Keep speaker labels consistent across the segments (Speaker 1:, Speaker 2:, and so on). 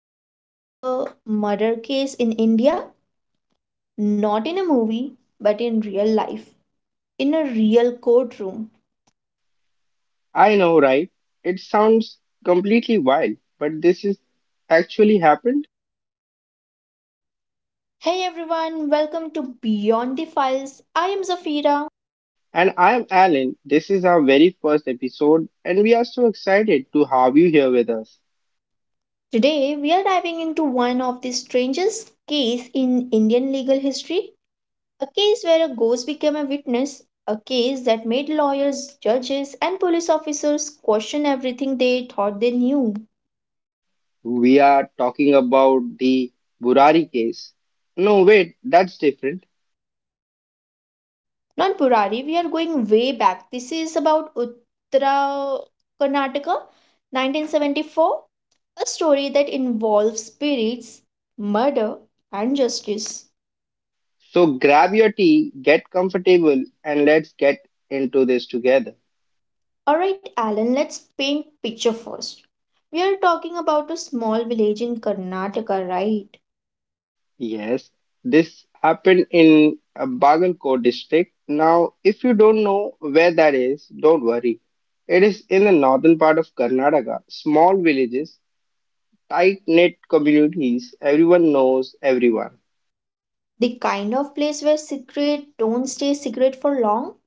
Speaker 1: helped solve a murder case in India? Not in a movie, but in real life, in a real courtroom.
Speaker 2: I know, right? It sounds completely wild, but this is actually happened.
Speaker 1: Hey everyone, welcome to Beyond the Files. I am Zafira.
Speaker 2: And I'm Alan. This is our very first episode, and we are so excited to have you here with us.
Speaker 1: Today we are diving into one of the strangest cases in Indian legal history, a case where a ghost became a witness, a case that made lawyers, judges and police officers question everything they thought they knew.
Speaker 2: We are talking about the Burari case. No, wait, that's different.
Speaker 1: Not Purari, we are going way back. This is about Uttara Karnataka, 1974, a story that involves spirits, murder, and justice.
Speaker 2: So grab your tea, get comfortable, and let's get into this together.
Speaker 1: Alright, Alan, let's paint picture first. We are talking about a small village in Karnataka, right?
Speaker 2: Yes, this happened in Bagalkot district. Now, if you don't know where that is, don't worry. It is in the northern part of Karnataka. Small villages, tight-knit communities, everyone knows everyone.
Speaker 1: The kind of place where secret don't stay secret for long.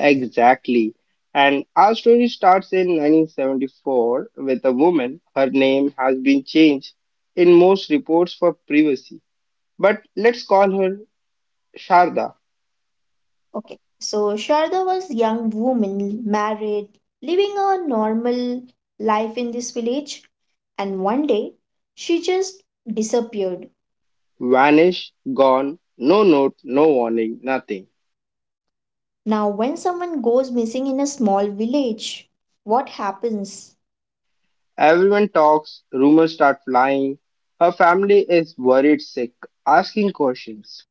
Speaker 2: Exactly. And our story starts in 1974 with a woman. Her name has been changed in most reports for privacy. But let's call her Sharda.
Speaker 1: Okay. So Sharda was a young woman, married, living a normal life in this village, and one day she just disappeared.
Speaker 2: Vanish, gone, no note, no warning, nothing.
Speaker 1: Now, when someone goes missing in a small village, what happens?
Speaker 2: Everyone talks, rumors start flying. Her family is worried sick, asking questions.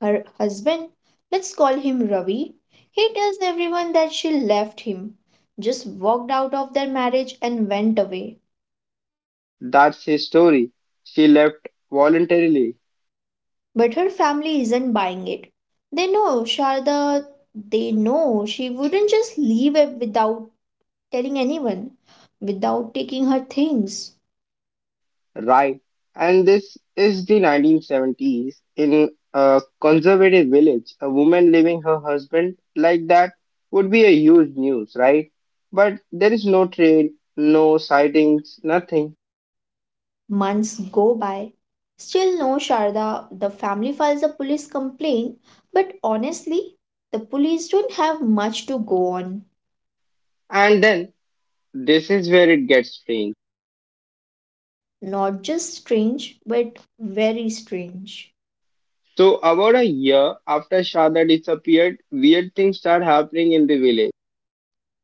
Speaker 1: Her husband, let's call him Ravi, he tells everyone that she left him, just walked out of their marriage and went away.
Speaker 2: That's his story. She left voluntarily,
Speaker 1: But her family isn't buying it. They know Sharda, they know she wouldn't just leave it without telling anyone, without taking her things.
Speaker 2: right? And this is the 1970s in a conservative village. A woman leaving her husband like that would be a huge news, right? But there is no trail, no sightings, nothing.
Speaker 1: Months go by. Still no Sharda, the family files a police complaint, but honestly, the police don't have much to go on.
Speaker 2: And then this is where it gets strange.
Speaker 1: Not just strange, but very strange.
Speaker 2: So, about a year after Shada disappeared, weird things start happening in the village.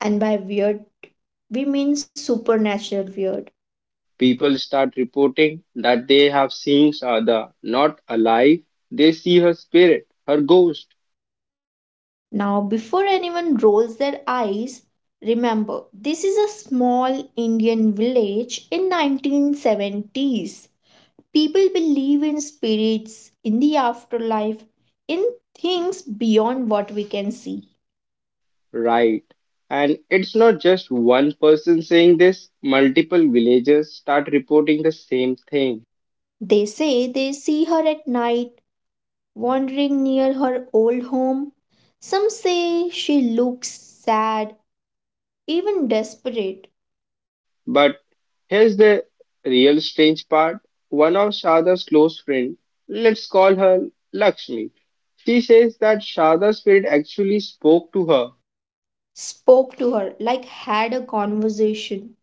Speaker 1: And by weird, we mean supernatural weird. People
Speaker 2: People start reporting that they have seen Shada, not alive. They see her spirit, her ghost,
Speaker 1: now, before anyone rolls their eyes, remember this is a small Indian village in 1970s. People believe in spirits, in the afterlife, in things beyond what we can see.
Speaker 2: right? And it's not just one person saying this, multiple villagers start reporting the same thing.
Speaker 1: They say they see her at night wandering near her old home. Some say she looks sad, even desperate.
Speaker 2: But here's the real strange part, one of Shada's close friends, let's call her Lakshmi. She says that Sharda's spirit actually spoke to her.
Speaker 1: Spoke to her like had a conversation.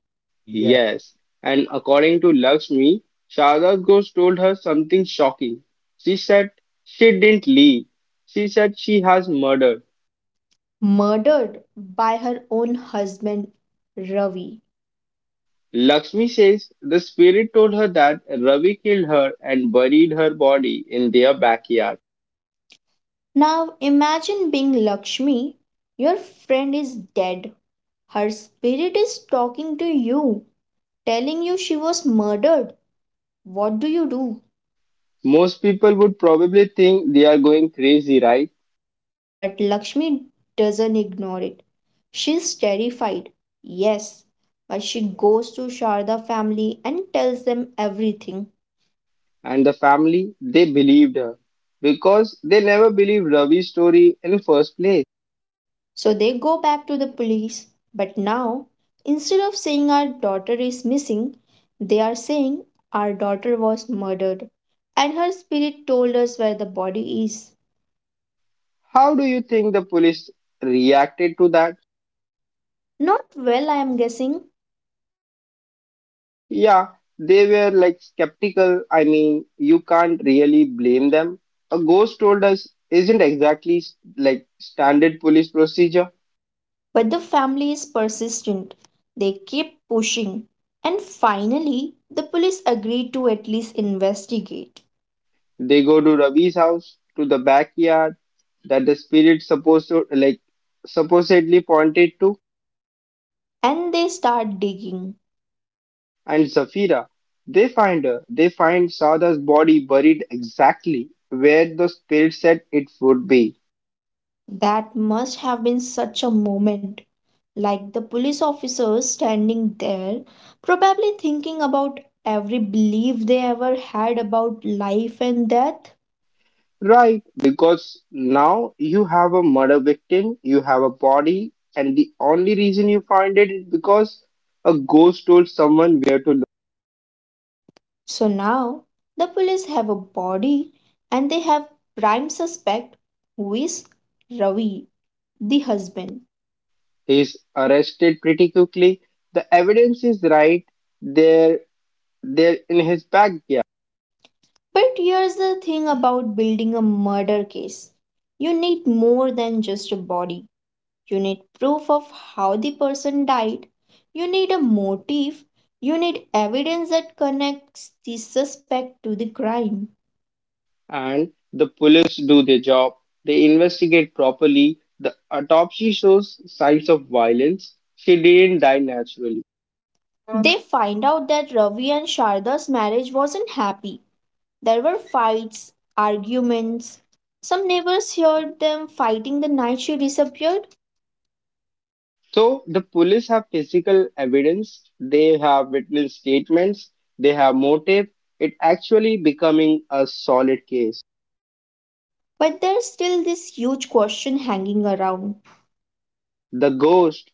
Speaker 2: Yes, and according to Lakshmi, Sharda's ghost told her something shocking. She said she didn't leave. She said she has murdered.
Speaker 1: Murdered by her own husband Ravi.
Speaker 2: Lakshmi says the spirit told her that Ravi killed her and buried her body in their backyard.
Speaker 1: Now imagine being Lakshmi. Your friend is dead. Her spirit is talking to you, telling you she was murdered. What do you do?
Speaker 2: Most people would probably think they are going crazy, right?
Speaker 1: But Lakshmi doesn't ignore it. She's terrified. Yes, but she goes to Sharda family and tells them everything.
Speaker 2: And the family, they believed her because they never believed Ravi's story in first place.
Speaker 1: So they go back to the police. But now, instead of saying our daughter is missing, they are saying our daughter was murdered and her spirit told us where the body is.
Speaker 2: How do you think the police reacted to that?
Speaker 1: Not well, I am guessing,
Speaker 2: Yeah, they were like skeptical. I mean, you can't really blame them. A ghost told us isn't exactly like standard police procedure.
Speaker 1: but the family is persistent. They keep pushing. And finally, the police agreed to at least investigate.
Speaker 2: They go to Ravi's house, to the backyard that the spirit supposed to supposedly pointed to,
Speaker 1: And they start digging.
Speaker 2: and Zafira. They find her. They find Sada's body buried exactly where the spirit said it would be.
Speaker 1: That must have been such a moment like the police officers standing there, probably thinking about every belief they ever had about life and death.
Speaker 2: Right, because now you have a murder victim, you have a body, and the only reason you find it is because a ghost told someone where to live.
Speaker 1: So now the police have a body and they have prime suspect who is Ravi, the husband.
Speaker 2: He's arrested pretty quickly. The evidence is right there, there in his backyard,
Speaker 1: But here's the thing about building a murder case. You need more than just a body. You need proof of how the person died. You need a motive. You need evidence that connects the suspect to the crime.
Speaker 2: and the police do their job. They investigate properly. The autopsy shows signs of violence. She didn't die naturally.
Speaker 1: They find out that Ravi and Sharda's marriage wasn't happy. There were fights, arguments. Some neighbors heard them fighting the night she disappeared,
Speaker 2: So the police have physical evidence, they have witness statements, they have motive. It actually becoming a solid case.
Speaker 1: but there's still this huge question hanging around.
Speaker 2: The ghost.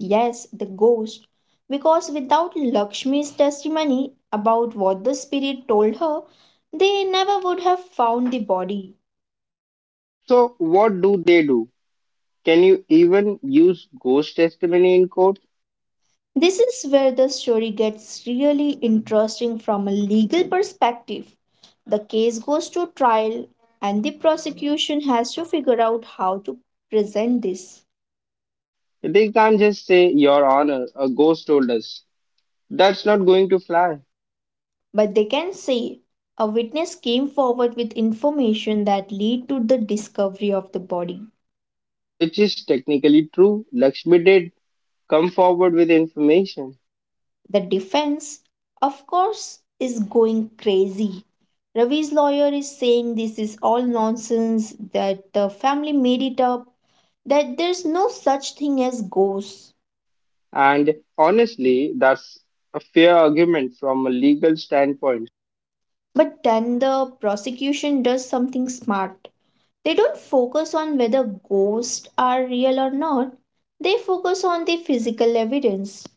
Speaker 1: Yes, the ghost. Because without Lakshmi's testimony about what the spirit told her, they never would have found the body.
Speaker 2: So what do they do? Can you even use ghost testimony in court?
Speaker 1: This is where the story gets really interesting from a legal perspective. The case goes to trial, and the prosecution has to figure out how to present this.
Speaker 2: They can't just say, Your Honor, a ghost told us. That's not going to fly,
Speaker 1: But they can say a witness came forward with information that lead to the discovery of the body.
Speaker 2: which is technically true. Lakshmi did come forward with information.
Speaker 1: The defense, of course, is going crazy. Ravi's lawyer is saying this is all nonsense, that the family made it up, that there's no such thing as ghosts.
Speaker 2: And honestly, that's a fair argument from a legal standpoint.
Speaker 1: But then the prosecution does something smart. They don't focus on whether ghosts are real or not, they focus on the physical evidence.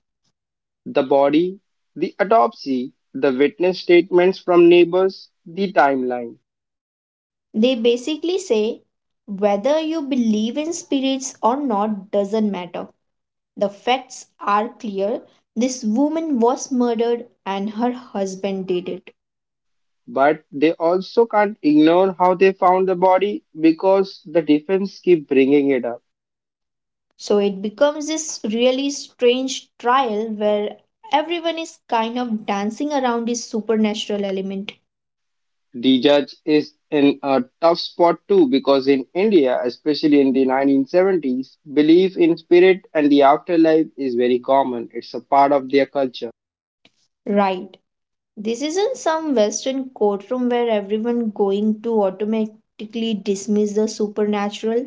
Speaker 2: The body, the autopsy, the witness statements from neighbors, the timeline.
Speaker 1: They basically say whether you believe in spirits or not doesn't matter. The facts are clear. This woman was murdered and her husband did it.
Speaker 2: But they also can't ignore how they found the body because the defense keep bringing it up.
Speaker 1: So it becomes this really strange trial where everyone is kind of dancing around this supernatural element.
Speaker 2: The judge is in a tough spot too because in India, especially in the 1970s, belief in spirit and the afterlife is very common. It's a part of their culture.
Speaker 1: Right. This isn't some western courtroom where everyone going to automatically dismiss the supernatural.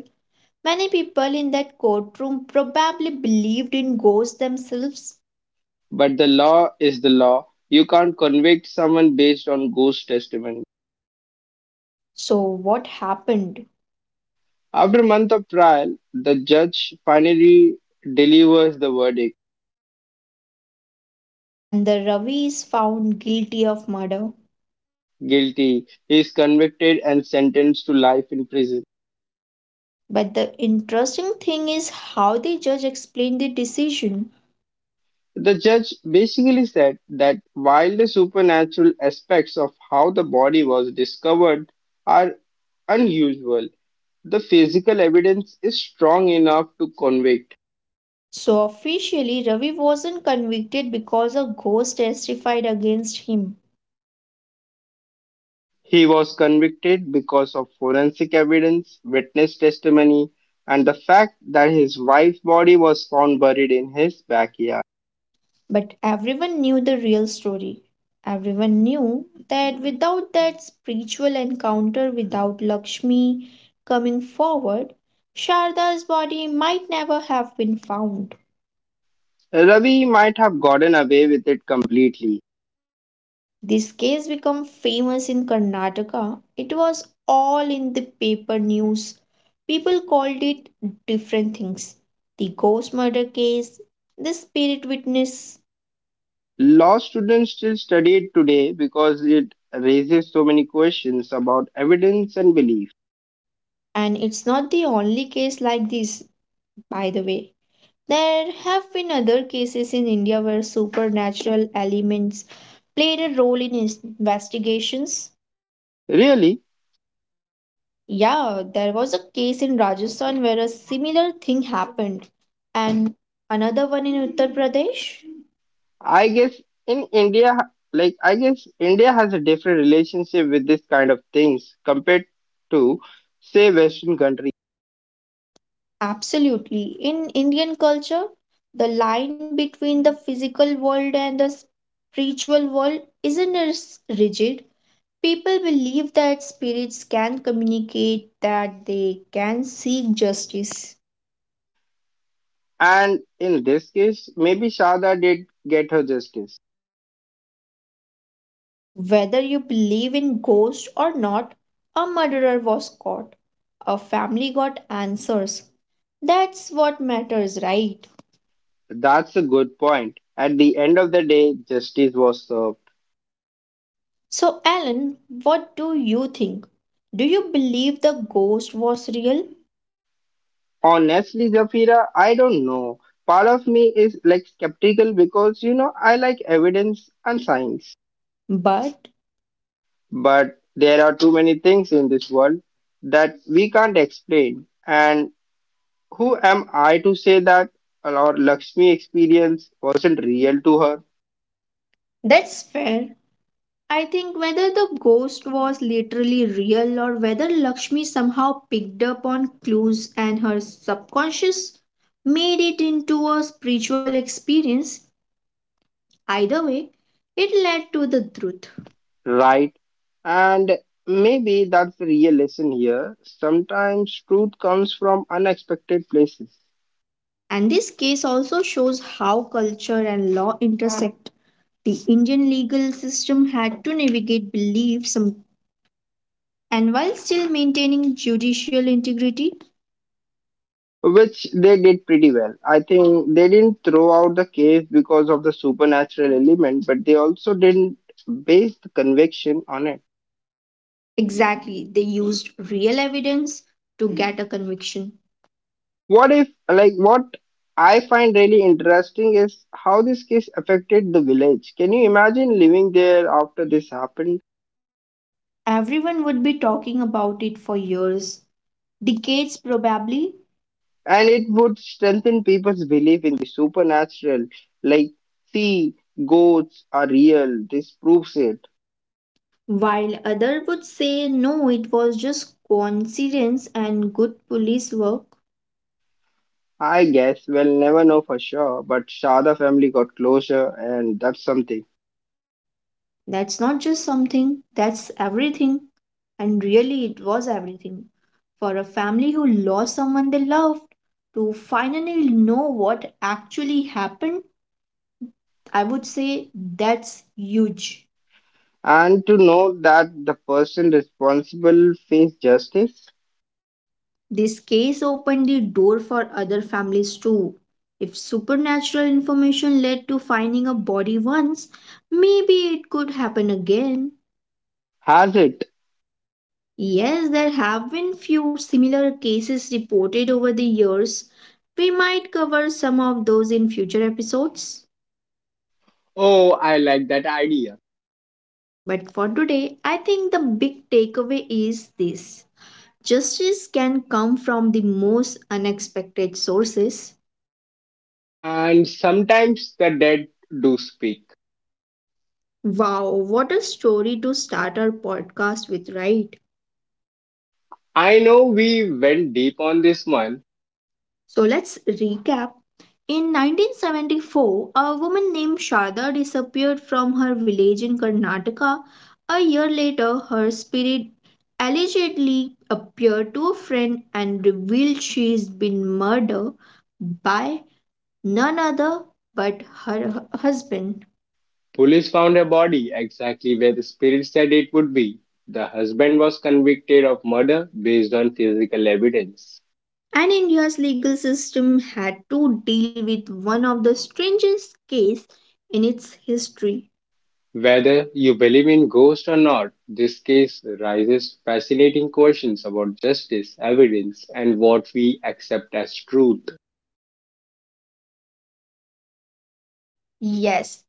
Speaker 1: Many people in that courtroom probably believed in ghosts themselves.
Speaker 2: But the law is the law. You can't convict someone based on ghost testimony.
Speaker 1: So what happened?
Speaker 2: After a month of trial, the judge finally delivers the verdict.
Speaker 1: And the Ravi is found guilty of murder.
Speaker 2: Guilty. He is convicted and sentenced to life in prison.
Speaker 1: But the interesting thing is how the judge explained the decision.
Speaker 2: The judge basically said that while the supernatural aspects of how the body was discovered are unusual, the physical evidence is strong enough to convict.
Speaker 1: So, officially, Ravi wasn't convicted because a ghost testified against him.
Speaker 2: He was convicted because of forensic evidence, witness testimony, and the fact that his wife's body was found buried in his backyard.
Speaker 1: But everyone knew the real story. Everyone knew that without that spiritual encounter, without Lakshmi coming forward, Sharda's body might never have been found.
Speaker 2: Ravi might have gotten away with it completely.
Speaker 1: This case became famous in Karnataka. It was all in the paper news. People called it different things. The ghost murder case, the spirit witness,
Speaker 2: Law students still study it today because it raises so many questions about evidence and belief.
Speaker 1: and it's not the only case like this, by the way. There have been other cases in India where supernatural elements played a role in investigations.
Speaker 2: Really,
Speaker 1: Yeah, there was a case in Rajasthan where a similar thing happened, and another one in Uttar Pradesh.
Speaker 2: I guess in India, I guess India has a different relationship with this kind of things compared to, say, Western countries.
Speaker 1: Absolutely. In Indian culture, the line between the physical world and the spiritual world isn't as rigid. People believe that spirits can communicate, that they can seek justice.
Speaker 2: And in this case, maybe Shada did get her justice.
Speaker 1: Whether you believe in ghosts or not, a murderer was caught. A family got answers. That's what matters, right?
Speaker 2: That's a good point. At the end of the day, justice was served.
Speaker 1: So, Alan, what do you think? Do you believe the ghost was real?
Speaker 2: Honestly, Zafira, I don't know. Part of me is like skeptical because you know I like evidence and science.
Speaker 1: But
Speaker 2: But there are too many things in this world that we can't explain. And who am I to say that our Lakshmi experience wasn't real to her,
Speaker 1: that's fair. I think whether the ghost was literally real or whether Lakshmi somehow picked up on clues and her subconscious made it into a spiritual experience, either way, it led to the truth.
Speaker 2: right? And maybe that's the real lesson here. Sometimes truth comes from unexpected places.
Speaker 1: And this case also shows how culture and law intersect. The Indian legal system had to navigate beliefs and while still maintaining judicial integrity,
Speaker 2: Which they did pretty well. I think they didn't throw out the case because of the supernatural element, but they also didn't base the conviction on it.
Speaker 1: exactly, they used real evidence to get a conviction.
Speaker 2: What if, like, what I find really interesting is how this case affected the village. Can you imagine living there after this happened?
Speaker 1: Everyone would be talking about it for years, decades probably,
Speaker 2: And it would strengthen people's belief in the supernatural. Like, see, goats are real. This proves it.
Speaker 1: while other would say no, it was just coincidence and good police work.
Speaker 2: I guess we'll never know for sure, but Shada family got closure, and that's something.
Speaker 1: That's not just something, that's everything. And really, it was everything. For a family who lost someone they loved, to finally know what actually happened, I would say that's huge.
Speaker 2: And to know that the person responsible face justice
Speaker 1: This case opened the door for other families too. If supernatural information led to finding a body once, maybe it could happen again.
Speaker 2: has it.
Speaker 1: Yes, there have been few similar cases reported over the years. We might cover some of those in future episodes.
Speaker 2: Oh, I like that idea.
Speaker 1: But for today, I think the big takeaway is this: justice can come from the most unexpected sources.
Speaker 2: And sometimes the dead do speak.
Speaker 1: Wow, what a story to start our podcast with, right?
Speaker 2: I know we went deep on this one.
Speaker 1: So let's recap. In 1974, a woman named Sharda disappeared from her village in Karnataka. A year later, her spirit allegedly appeared to a friend and revealed she's been murdered by none other but her husband.
Speaker 2: Police found her body exactly where the spirit said it would be. The husband was convicted of murder based on physical evidence.
Speaker 1: And India's legal system had to deal with one of the strangest cases in its history.
Speaker 2: Whether you believe in ghosts or not, this case raises fascinating questions about justice, evidence, and what we accept as truth.
Speaker 1: Yes,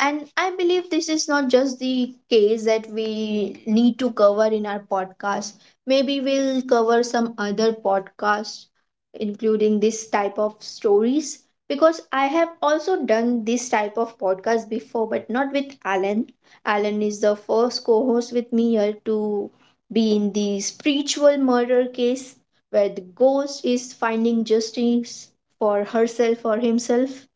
Speaker 1: and I believe this is not just the case that we need to cover in our podcast. Maybe we'll cover some other podcasts, including this type of stories, because I have also done this type of podcast before, but not with Alan. Alan is the first co host with me here to be in the spiritual murder case where the ghost is finding justice for herself or himself.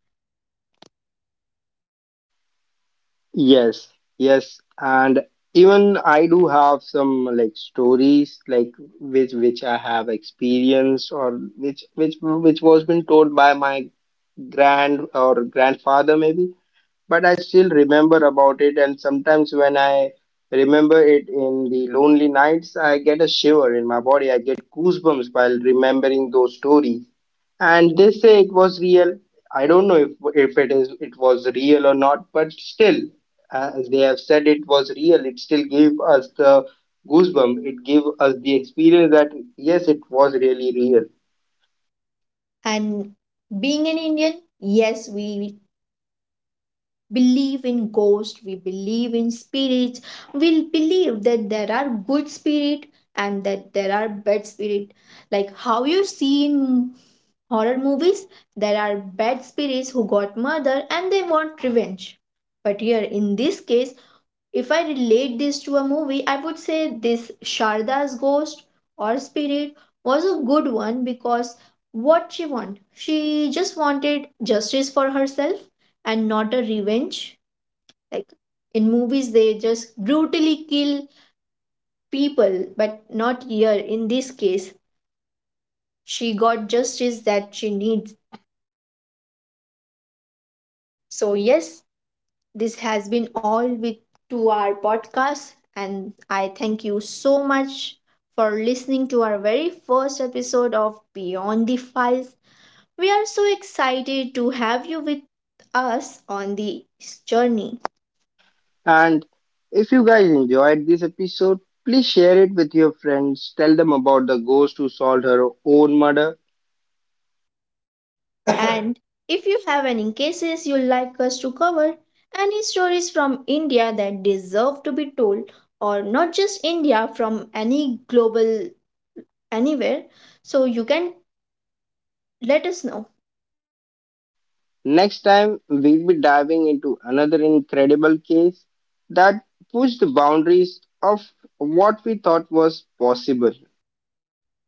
Speaker 2: Yes, yes, and even I do have some like stories like which I have experienced or which was been told by my grand or grandfather maybe but I still remember about it. And sometimes when I remember it in the lonely nights, I get a shiver in my body. I get goosebumps while remembering those stories. And they say it was real. I don't know if it is it was real or not, but still, as they have said, it was real. It still gave us the goosebump. It gave us the experience that yes, it was really real.
Speaker 1: And being an Indian, yes, we believe in ghosts, we believe in spirits, we believe that there are good spirit and that there are bad spirit. Like how you see in horror movies, there are bad spirits who got murdered and they want revenge. But here in this case, if I relate this to a movie, I would say this Sharda's ghost or spirit was a good one because what she want? She just wanted justice for herself and not a revenge. Like in movies, they just brutally kill people, but not here. In this case, she got justice that she needs. So, yes, this has been all with to our podcast and I thank you so much for listening to our very first episode of Beyond the Files. We are so excited to have you with us on this journey.
Speaker 2: And if you guys enjoyed this episode, please share it with your friends. Tell them about the ghost who solved her own murder.
Speaker 1: And if you have any cases you'd like us to cover, any stories from India that deserve to be told, or not just India, from any global anywhere, so you can let us know.
Speaker 2: Next time, we'll be diving into another incredible case that pushed the boundaries of what we thought was possible.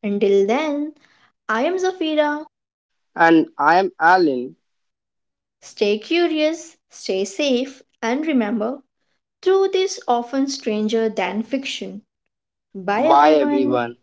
Speaker 1: Until then, I am Zafira.
Speaker 2: And I am Alan.
Speaker 1: Stay curious, stay safe, and remember truth is often stranger than fiction. Bye, bye
Speaker 2: Bye,
Speaker 1: everyone. Everyone.
Speaker 2: everyone.